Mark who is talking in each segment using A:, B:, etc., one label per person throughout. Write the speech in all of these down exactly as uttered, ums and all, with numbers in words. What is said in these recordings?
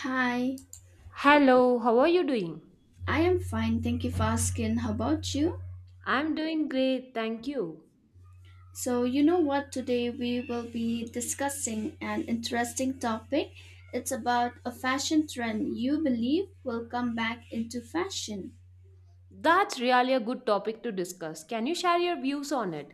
A: Hi,
B: Hello, how are you doing?
A: I am fine. Thank you for asking. How about you?
B: I'm doing great, thank you.
A: So, you know what? Today we will be discussing an interesting topic. It's about a fashion trend you believe will come back into fashion.
B: That's really a good topic to discuss. Can you share your views on it?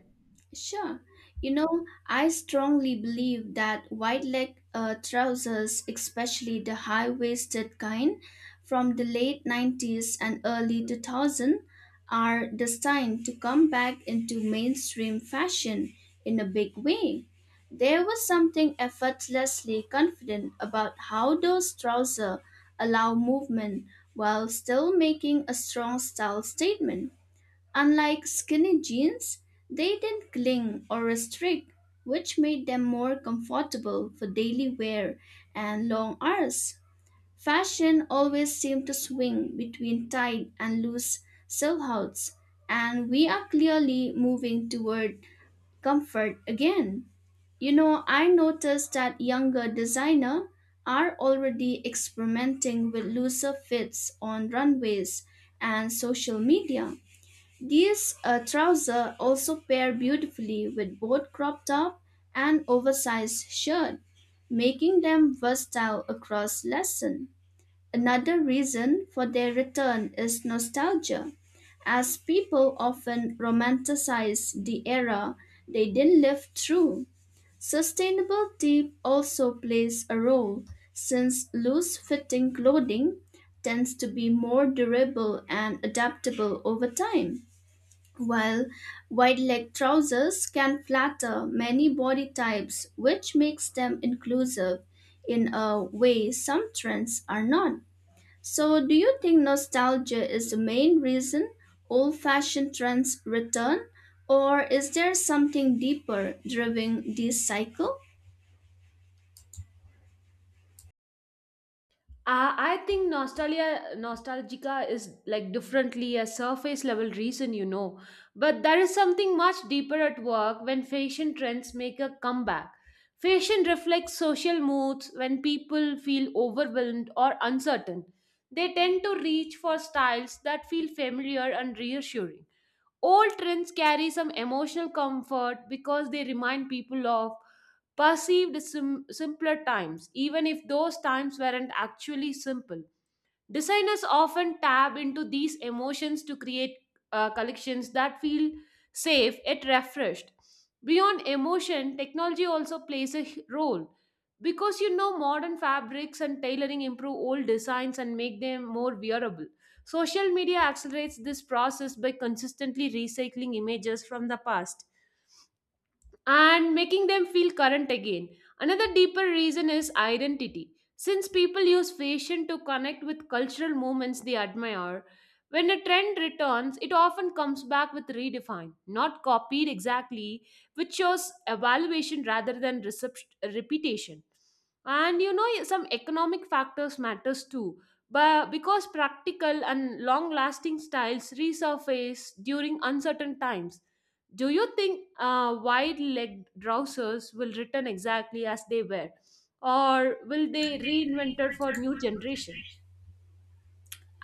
A: Sure. You know, I strongly believe that wide leg uh, trousers, especially the high waisted kind from the late nineties and early two thousand, are destined to come back into mainstream fashion in a big way. There was something effortlessly confident about how those trousers allow movement while still making a strong style statement. Unlike skinny jeans, they didn't cling or restrict, which made them more comfortable for daily wear and long hours. Fashion always seemed to swing between tight and loose silhouettes, and we are clearly moving toward comfort again. You know, I noticed that younger designers are already experimenting with looser fits on runways and social media. These uh, trousers also pair beautifully with both crop top and oversized shirt, making them versatile across lessons. Another reason for their return is nostalgia, as people often romanticize the era they didn't live through. Sustainability also plays a role since loose fitting clothing tends to be more durable and adaptable over time while wide leg trousers can flatter many body types, which makes them inclusive in a way some trends are not. So, do you think nostalgia is the main reason old fashioned trends return, or is there something deeper driving this cycle?
B: I, I think nostalgia nostalgica is like differently a surface level reason, you know. But there is something much deeper at work when fashion trends make a comeback. Fashion reflects social moods when people feel overwhelmed or uncertain. They tend to reach for styles that feel familiar and reassuring. Old trends carry some emotional comfort because they remind people of perceived sim- simpler times, even if those times weren't actually simple. Designers often tap into these emotions to create uh, collections that feel safe yet refreshed. Beyond emotion, technology also plays a h- role because you know modern fabrics and tailoring improve old designs and make them more wearable. Social media accelerates this process by consistently recycling images from the past and making them feel current again. Another deeper reason is identity. Since people use fashion to connect with cultural movements they admire, when a trend returns, it often comes back with redefined, not copied exactly, which shows evaluation rather than recep- repetition. And you know, some economic factors matters too, but because practical and long-lasting styles resurface during uncertain times. Do you think uh, wide legged trousers will return exactly as they were, or will they reinvented for new generation?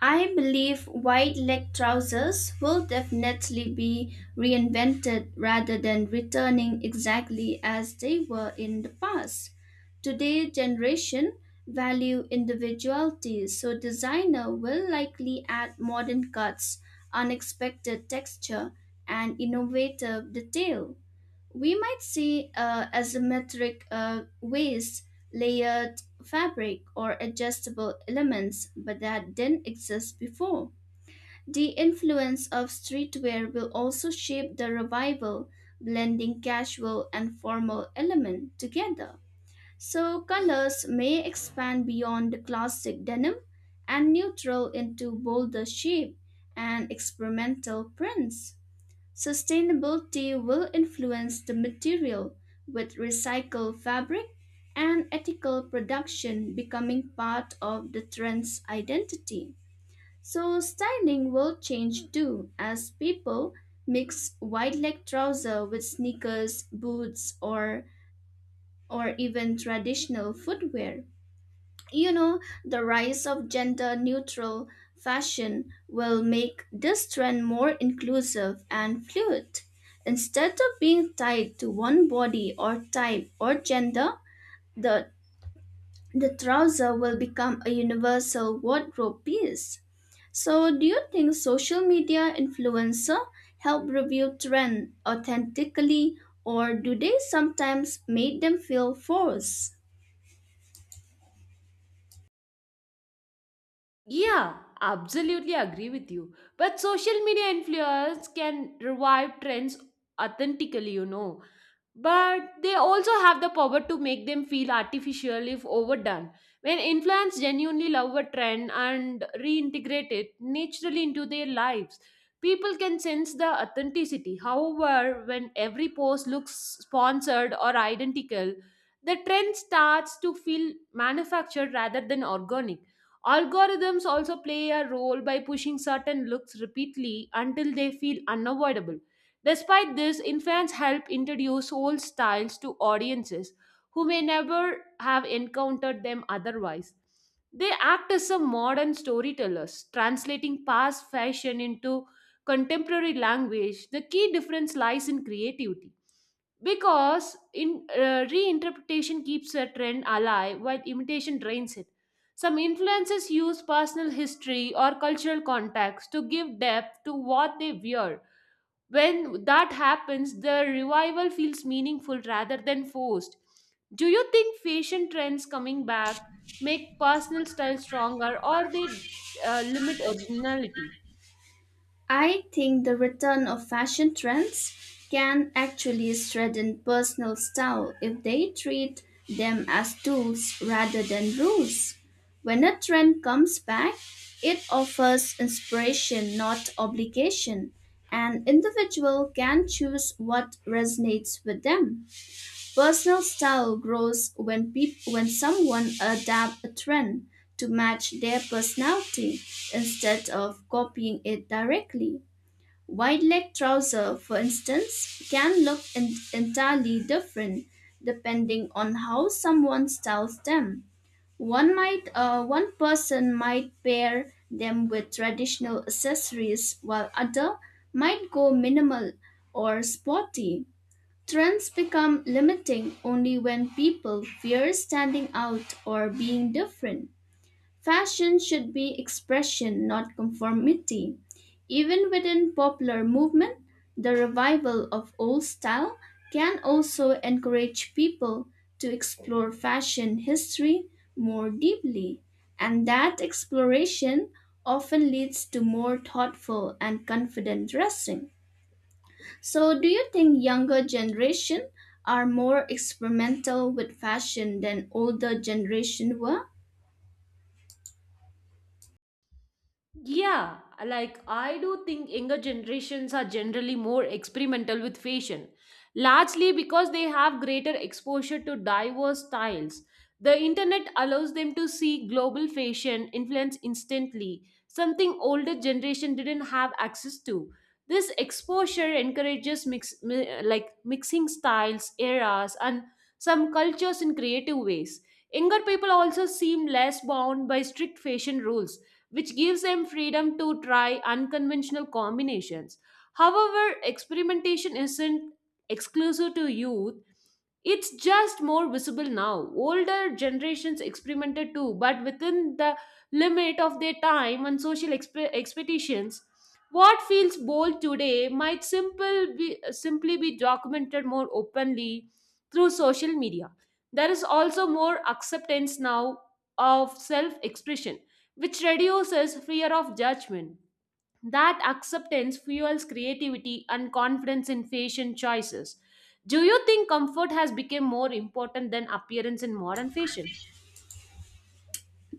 A: I believe wide leg trousers will definitely be reinvented rather than returning exactly as they were in the past. Today generation value individuality, so designer will likely add modern cuts, unexpected texture, and innovative detail. We might see uh, asymmetric uh, waist, layered fabric, or adjustable elements, but that didn't exist before. The influence of streetwear will also shape the revival, blending casual and formal elements together. So, colors may expand beyond the classic denim and neutral into bolder shape and experimental prints. Sustainability will influence the material with recycled fabric and ethical production becoming part of the trend's identity. So styling will change too as people mix wide leg trouser with sneakers, boots, or or even traditional footwear. You know, the rise of gender neutral fashion will make this trend more inclusive and fluid. Instead of being tied to one body or type or gender, the, the trouser will become a universal wardrobe piece. So, do you think social media influencer help review trend authentically or do they sometimes make them feel forced?
B: Yeah, absolutely agree with you. But social media influence can revive trends authentically, you know. But they also have the power to make them feel artificial if overdone. When influencers genuinely love a trend and reintegrate it naturally into their lives, people can sense the authenticity. However, when every post looks sponsored or identical, the trend starts to feel manufactured rather than organic. Algorithms also play a role by pushing certain looks repeatedly until they feel unavoidable. Despite this, infants help introduce old styles to audiences who may never have encountered them otherwise. They act as a modern storytellers, translating past fashion into contemporary language. The key difference lies in creativity because in uh, reinterpretation keeps a trend alive while imitation drains it. Some influences use personal history or cultural context to give depth to what they wear. When that happens the revival feels meaningful rather than forced. Do you think fashion trends coming back make personal style stronger or they uh, limit originality?
A: I think the return of fashion trends can actually strengthen personal style if they treat them as tools rather than rules. When a trend comes back, it offers inspiration, not obligation, and individual can choose what resonates with them. Personal style grows when peop- when someone adapts a trend to match their personality instead of copying it directly. Wide leg trouser, for instance, can look en- entirely different depending on how someone styles them. One might, uh, one person might pair them with traditional accessories, while other might go minimal or sporty. Trends become limiting only when people fear standing out or being different. Fashion should be expression, not conformity. Even within popular movement, the revival of old style can also encourage people to explore fashion history more deeply, and that exploration often leads to more thoughtful and confident dressing. So, do you think younger generation are more experimental with fashion than older generation were?
B: Yeah, like I do think younger generations are generally more experimental with fashion, largely because they have greater exposure to diverse styles. The internet allows them to see global fashion influence instantly, something older generation didn't have access to. This exposure encourages mix, mi- like mixing styles, eras, and some cultures in creative ways. Younger people also seem less bound by strict fashion rules which gives them freedom to try unconventional combinations. However, experimentation isn't exclusive to youth, it's just more visible now. Older generations experimented too, but within the limit of their time and social expe- expectations. What feels bold today might simple be, simply be documented more openly through social media. There is also more acceptance now of self expression, which reduces fear of judgment. That acceptance fuels creativity and confidence in fashion choices. Do you think comfort has become more important than appearance in modern fashion?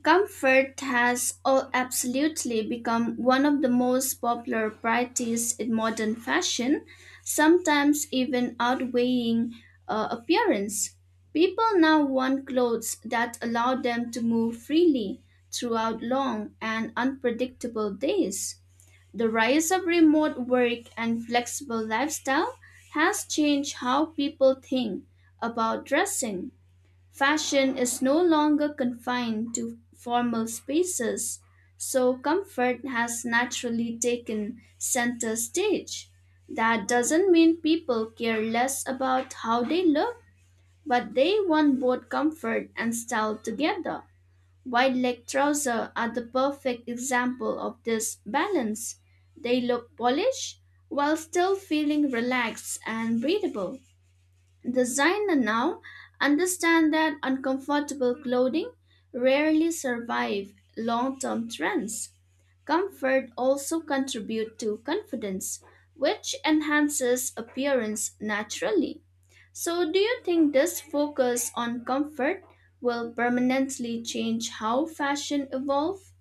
A: Comfort has all absolutely become one of the most popular priorities in modern fashion, sometimes even outweighing uh, appearance. People now want clothes that allow them to move freely throughout long and unpredictable days. The rise of remote work and flexible lifestyle has changed how people think about dressing. Fashion is no longer confined to formal spaces, so comfort has naturally taken center stage. That doesn't mean people care less about how they look, but they want both comfort and style together. Wide leg trousers are the perfect example of this balance. They look polished while still feeling relaxed and breathable. Designer now understand that uncomfortable clothing rarely survive long-term trends. Comfort also contribute to confidence, which enhances appearance naturally. So do you think this focus on comfort will permanently change how fashion evolve?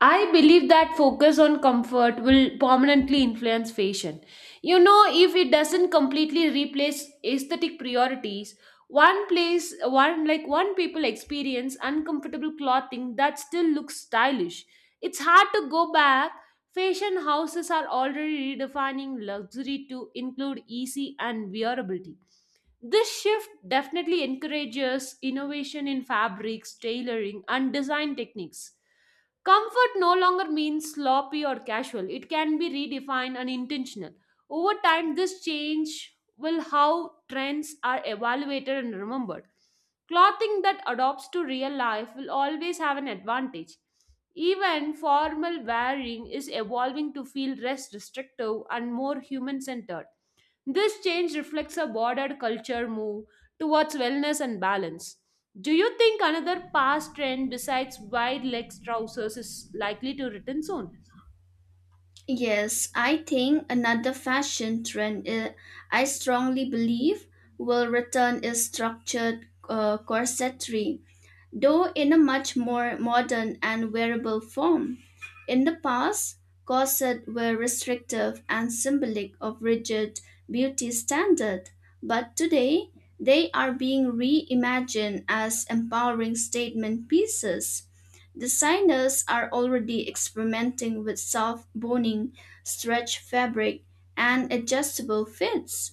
B: I believe that focus on comfort will permanently influence fashion. You know, if it doesn't completely replace aesthetic priorities, one place, one like one people experience uncomfortable clothing that still looks stylish. It's hard to go back. Fashion houses are already redefining luxury to include easy and wearability. This shift definitely encourages innovation in fabrics, tailoring, and design techniques. Comfort no longer means sloppy or casual. It can be redefined and intentional. Over time, this change will how trends are evaluated and remembered. Clothing that adopts to real life will always have an advantage. Even formal wearing is evolving to feel less restrictive and more human centered. This change reflects a broader culture move towards wellness and balance. Do you think another past trend besides wide leg trousers is likely to return soon?
A: Yes, I think another fashion trend I I strongly believe will return is structured uh, corsetry, though in a much more modern and wearable form. In the past, corsets were restrictive and symbolic of rigid beauty standard, but today they are being reimagined as empowering statement pieces. Designers are already experimenting with soft boning, stretch fabric, and adjustable fits.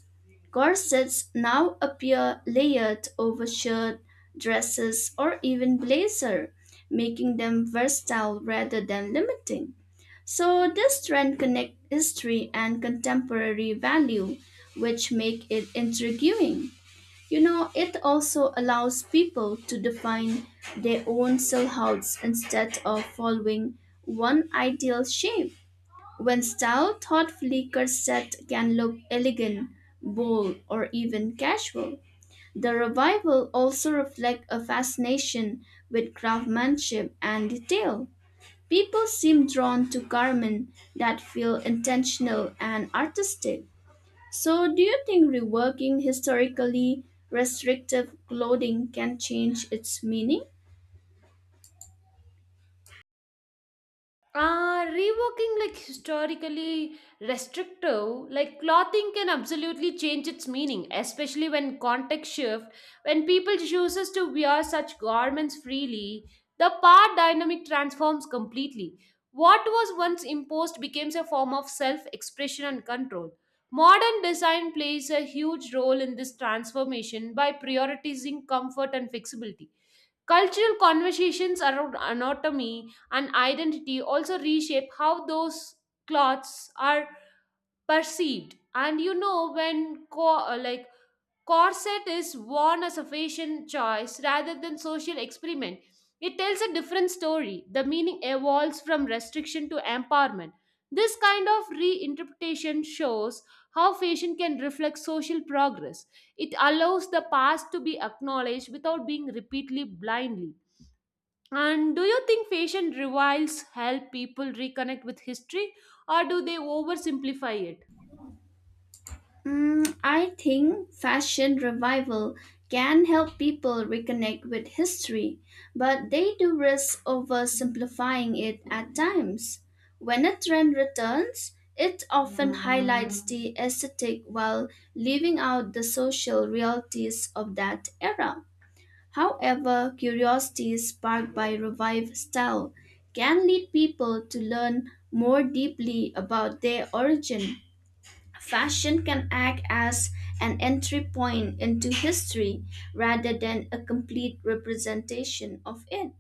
A: Corsets now appear layered over shirt dresses, or even blazer, making them versatile rather than limiting. So this trend connects history and contemporary value, which make it intriguing. You know, it also allows people to define their own silhouettes instead of following one ideal shape. When styled thoughtfully, corset can look elegant, bold, or even casual. The revival also reflects a fascination with craftsmanship and detail. People seem drawn to garments that feel intentional and artistic. So, do you think reworking historically restrictive clothing can change its meaning?
B: Uh, reworking like historically restrictive, like clothing can absolutely change its meaning, especially when context shift, when people chooses to wear such garments freely, the power dynamic transforms completely. What was once imposed becomes a form of self-expression and control. Modern design plays a huge role in this transformation by prioritizing comfort and flexibility. Cultural conversations around anatomy and identity also reshape how those cloths are perceived. And you know, when co- uh, like corset is worn as a fashion choice rather than social experiment, it tells a different story. The meaning evolves from restriction to empowerment. This kind of reinterpretation shows how fashion can reflect social progress. It allows the past to be acknowledged without being repeatedly blindly. And do you think fashion revives help people reconnect with history or do they oversimplify it?
A: Mm, I think fashion revival can help people reconnect with history, but they do risk oversimplifying it at times. When a trend returns, it often highlights the aesthetic while leaving out the social realities of that era. However, curiosity sparked by revived style can lead people to learn more deeply about their origin. Fashion can act as an entry point into history rather than a complete representation of it.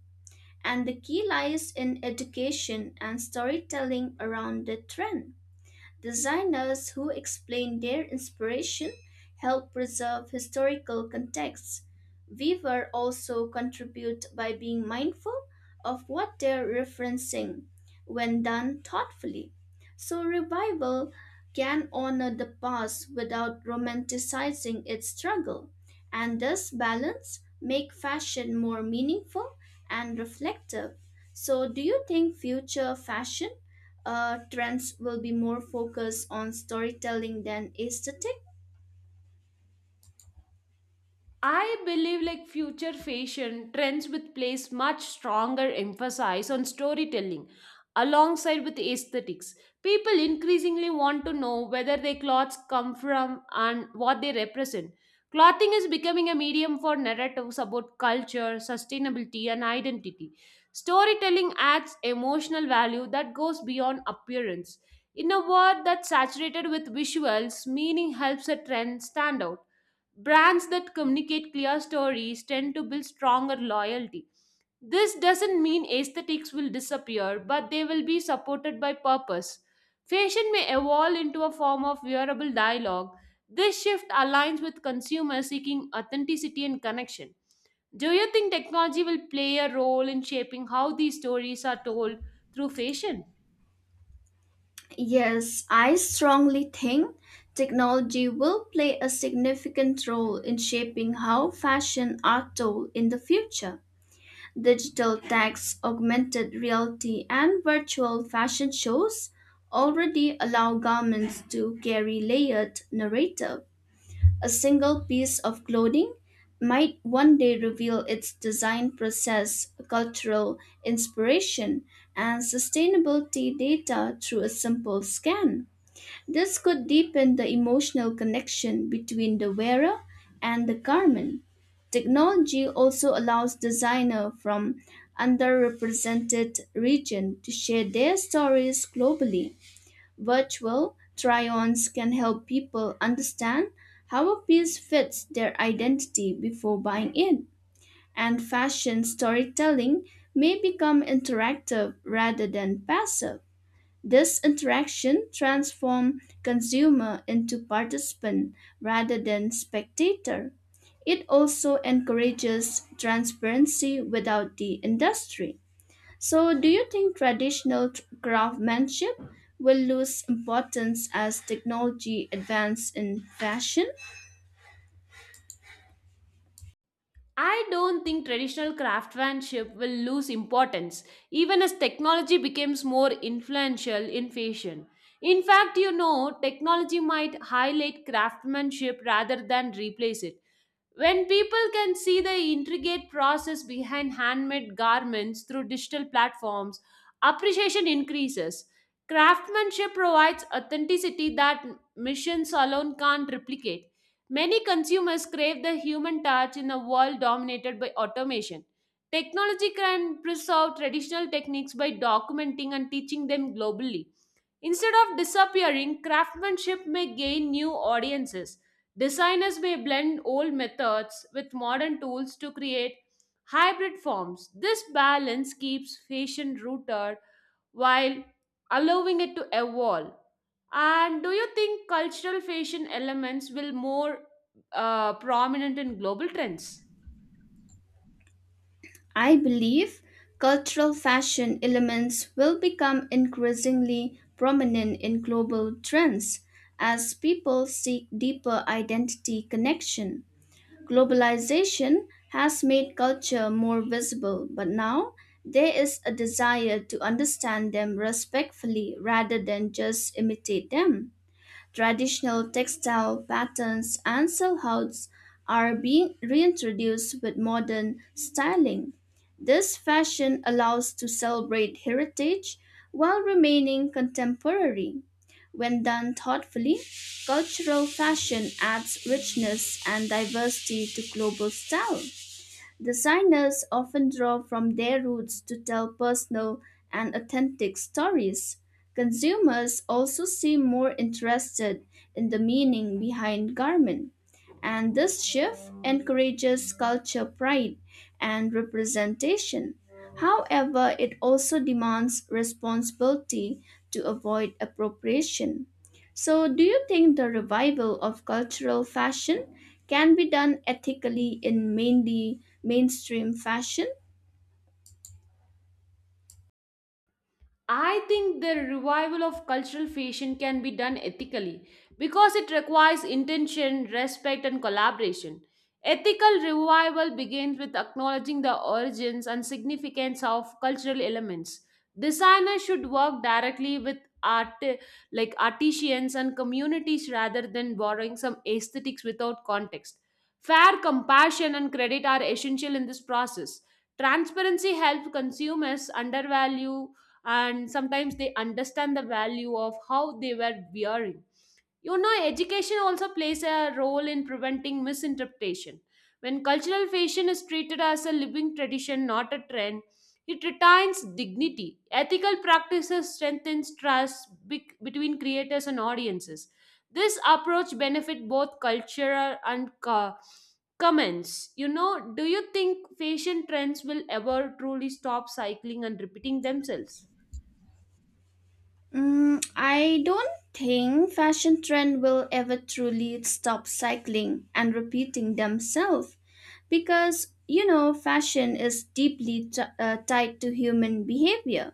A: And the key lies in education and storytelling around the trend. Designers who explain their inspiration help preserve historical contexts. Weaver also contribute by being mindful of what they're referencing when done thoughtfully. So revival can honor the past without romanticizing its struggle, and this balance make fashion more meaningful and reflective. So do you think future fashion uh, trends will be more focused on storytelling than aesthetic?
B: I believe like future fashion trends would place much stronger emphasis on storytelling alongside with aesthetics. People increasingly want to know whether their clothes come from and what they represent. Clothing is becoming a medium for narratives about culture, sustainability, and identity. Storytelling adds emotional value that goes beyond appearance. In a world that's saturated with visuals, meaning helps a trend stand out. Brands that communicate clear stories tend to build stronger loyalty. This doesn't mean aesthetics will disappear, but they will be supported by purpose. Fashion may evolve into a form of wearable dialogue. This shift aligns with consumers seeking authenticity and connection. Do you think technology will play a role in shaping how these stories are told through fashion?
A: Yes, I strongly think technology will play a significant role in shaping how fashion are told in the future. Digital tags, augmented reality, and virtual fashion shows already allow garments to carry layered narrative. A single piece of clothing might one day reveal its design process, cultural inspiration, and sustainability data through a simple scan. This could deepen the emotional connection between the wearer and the garment. Technology also allows designers from underrepresented regions to share their stories globally. Virtual try ons can help people understand how a piece fits their identity before buying it, and fashion storytelling may become interactive rather than passive. This interaction transforms consumer into participant rather than spectator. It also encourages transparency without the industry. So, do you think traditional t- craftsmanship will lose importance as technology advances in fashion?
B: I don't think traditional craftsmanship will lose importance, even as technology becomes more influential in fashion. In fact, you know, technology might highlight craftsmanship rather than replace it. When people can see the intricate process behind handmade garments through digital platforms, appreciation increases. Craftsmanship provides authenticity that machines alone can't replicate. Many consumers crave the human touch in a world dominated by automation. Technology can preserve traditional techniques by documenting and teaching them globally. Instead of disappearing, craftsmanship may gain new audiences. Designers may blend old methods with modern tools to create hybrid forms. This balance keeps fashion rooted while allowing it to evolve. And do you think cultural fashion elements will more uh, prominent in global trends?
A: I believe cultural fashion elements will become increasingly prominent in global trends as people seek deeper identity connection. Globalization has made culture more visible, but now there is a desire to understand them respectfully rather than just imitate them. Traditional textile patterns and silhouettes are being reintroduced with modern styling. This fashion allows to celebrate heritage while remaining contemporary. When done thoughtfully, cultural fashion adds richness and diversity to global style. Designers often draw from their roots to tell personal and authentic stories. Consumers also seem more interested in the meaning behind garment, and this shift encourages culture pride and representation. However, it also demands responsibility to avoid appropriation. So, do you think the revival of cultural fashion can be done ethically in mainly mainstream fashion?
B: I think the revival of cultural fashion can be done ethically because it requires intention, respect, and collaboration. Ethical revival begins with acknowledging the origins and significance of cultural elements. Designers should work directly with art like artisans and communities rather than borrowing some aesthetics without context. Fair compassion and credit are essential in this process. Transparency helps consumers undervalue and sometimes they understand the value of how they were wearing. You know education also plays a role in preventing misinterpretation when cultural fashion is treated as a living tradition not a trend, it retains dignity. Ethical practices strengthens trust bec- between creators and audiences. This approach benefit both cultural and co- comments, you know. Do you think fashion trends will ever truly stop cycling and repeating themselves?
A: Mm, I don't think fashion trend will ever truly stop cycling and repeating themselves because, you know, fashion is deeply t- uh, tied to human behavior.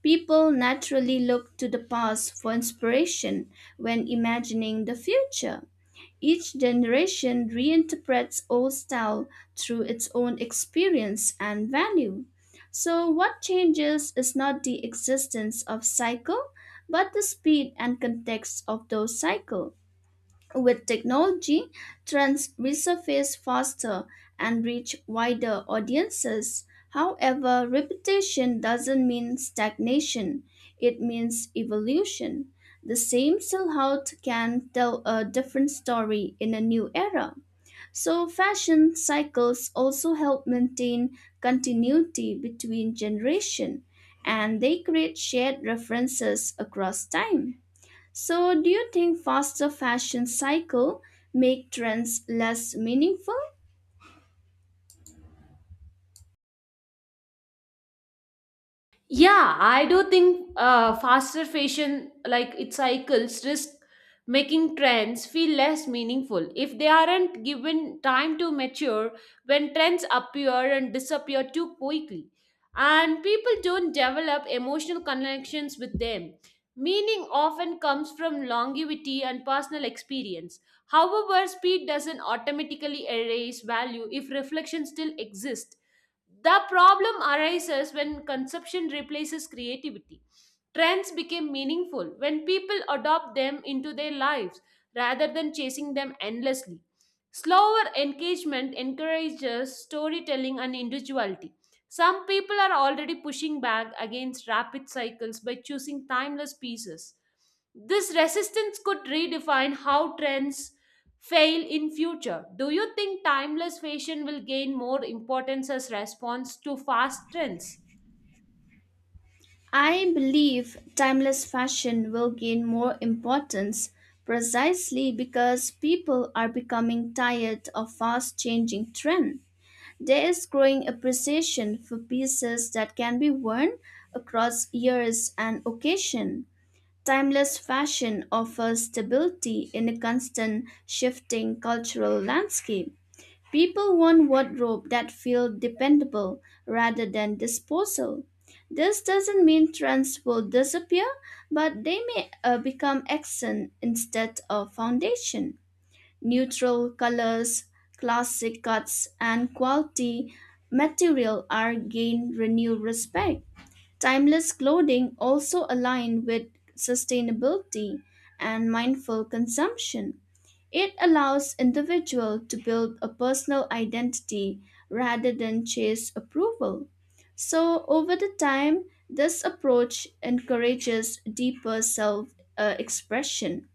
A: People naturally look to the past for inspiration when imagining the future. Each generation reinterprets old style through its own experience and value. So, what changes is not the existence of cycle, but the speed and context of those cycle. With technology, trends resurface faster and reach wider audiences. However, repetition doesn't mean stagnation, it means evolution. The same silhouette can tell a different story in a new era. So, fashion cycles also help maintain continuity between generations, and they create shared references across time. So, do you think faster fashion cycle make trends less meaningful?
B: Yeah, I do think uh, faster fashion, like its cycles, risk making trends feel less meaningful if they aren't given time to mature when trends appear and disappear too quickly. And people don't develop emotional connections with them. Meaning often comes from longevity and personal experience. However, speed doesn't automatically erase value if reflection still exists. The problem arises when consumption replaces creativity. Trends become meaningful when people adopt them into their lives rather than chasing them endlessly. Slower engagement encourages storytelling and individuality. Some people are already pushing back against rapid cycles by choosing timeless pieces. This resistance could redefine how trends fail in future. Do you think timeless fashion will gain more importance as response to fast trends?
A: I believe timeless fashion will gain more importance precisely because people are becoming tired of fast changing trend. There is growing appreciation for pieces that can be worn across years and occasion. Timeless fashion offers stability in a constant shifting cultural landscape. People want wardrobe that feel dependable rather than disposal. This doesn't mean trends will disappear, but they may uh, become accent instead of foundation. Neutral colors, classic cuts, and quality material are gain renewed respect. Timeless clothing also aligned with sustainability and mindful consumption. It allows individual to build a personal identity rather than chase approval. So over the time, this approach encourages deeper self uh, expression.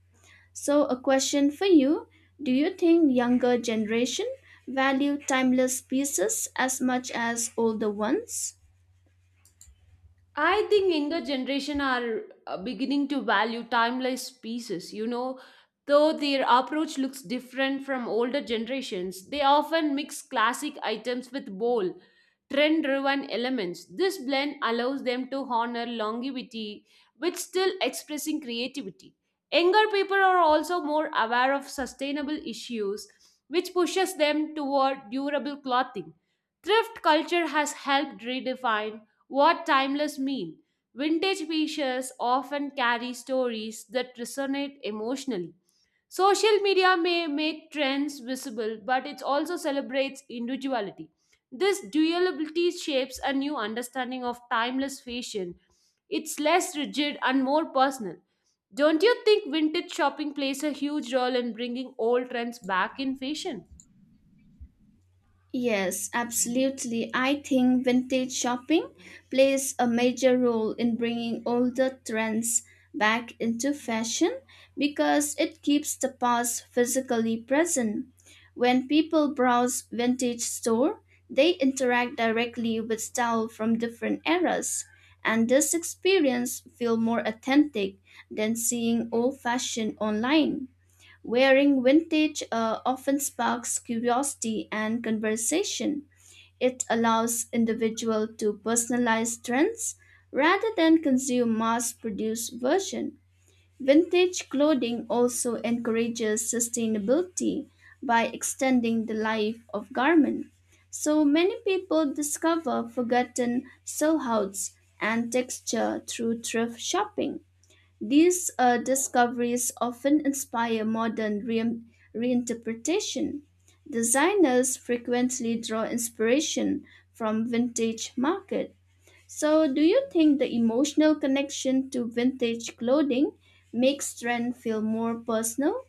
A: So a question for you, do you think younger generation value timeless pieces as much as older ones?
B: I think younger generation are uh, beginning to value timeless pieces. You know, though their approach looks different from older generations, they often mix classic items with bold, trend-driven elements. This blend allows them to honor longevity while still expressing creativity. Younger people are also more aware of sustainable issues, which pushes them toward durable clothing. Thrift culture has helped redefine what timeless mean? Vintage pieces often carry stories that resonate emotionally. Social media may make trends visible, but it also celebrates individuality. This duality shapes a new understanding of timeless fashion. It's less rigid and more personal. Don't you think vintage shopping plays a huge role in bringing old trends back in fashion?
A: Yes, absolutely. I think vintage shopping plays a major role in bringing older trends back into fashion because it keeps the past physically present. When people browse vintage store, they interact directly with style from different eras, and this experience feel more authentic than seeing old fashion online. Wearing vintage uh, often sparks curiosity and conversation. It allows individual to personalize trends rather than consume mass-produced version. Vintage clothing also encourages sustainability by extending the life of garment. So many people discover forgotten silhouettes and texture through thrift shopping. These uh, discoveries often inspire modern re- reinterpretation. Designers frequently draw inspiration from vintage market. So, do you think the emotional connection to vintage clothing makes trend feel more personal?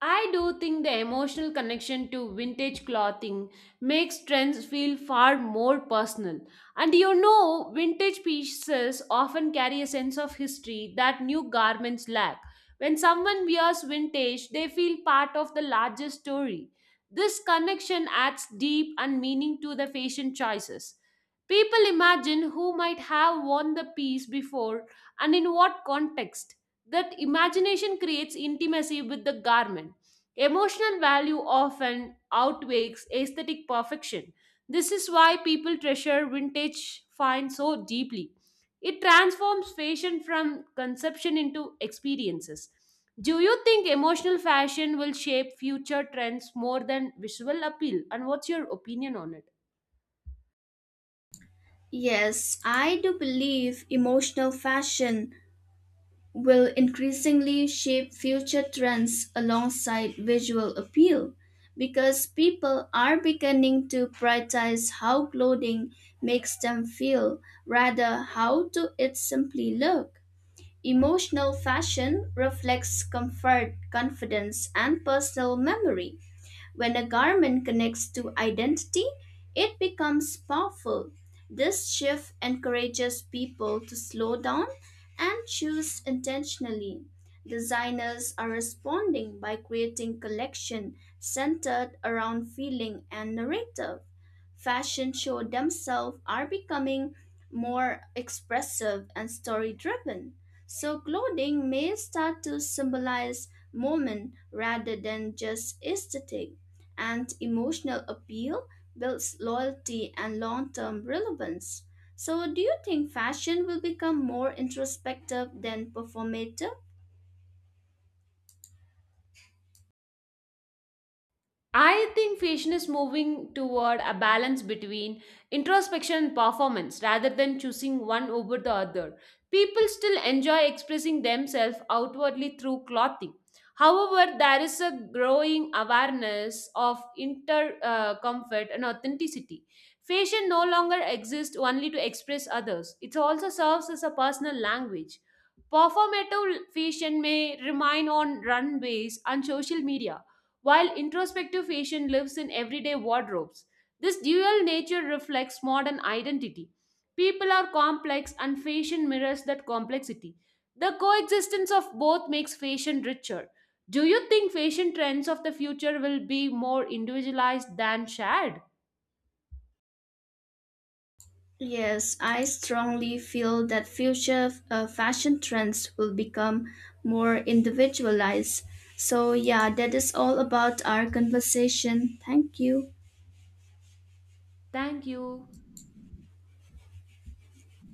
B: I do think the emotional connection to vintage clothing makes trends feel far more personal. And you know, vintage pieces often carry a sense of history that new garments lack. When someone wears vintage, they feel part of the larger story. This connection adds deep and meaning to the fashion choices. People imagine who might have worn the piece before and in what context. That imagination creates intimacy with the garment. Emotional value often outweighs aesthetic perfection. This is why people treasure vintage finds so deeply. It transforms fashion from conception into experiences. Do you think emotional fashion will shape future trends more than visual appeal? And what's your opinion on it?
A: Yes, I do believe emotional fashion will increasingly shape future trends alongside visual appeal, because people are beginning to prioritize how clothing makes them feel rather how do it simply look. Emotional fashion reflects comfort, confidence, and personal memory. When a garment connects to identity, it becomes powerful. This shift encourages people to slow down and choose intentionally. Designers are responding by creating collection centered around feeling and narrative. Fashion shows themselves are becoming more expressive and story driven. So clothing may start to symbolize moment rather than just aesthetic, and emotional appeal builds loyalty and long term relevance. So, do you think fashion will become more introspective than performative?
B: I think fashion is moving toward a balance between introspection and performance rather than choosing one over the other. People still enjoy expressing themselves outwardly through clothing. However, there is a growing awareness of inter uh, comfort and authenticity. Fashion no longer exists only to express others, it also serves as a personal language. Performative fashion may remain on runways and social media while introspective fashion lives in everyday wardrobes. This dual nature reflects modern identity. People are complex, and fashion mirrors that complexity. The coexistence of both makes fashion richer. Do you think fashion trends of the future will be more individualized than shared?
A: Yes, I strongly feel that future uh, fashion trends will become more individualized. So, yeah, that is all about our conversation. Thank you.
B: Thank you.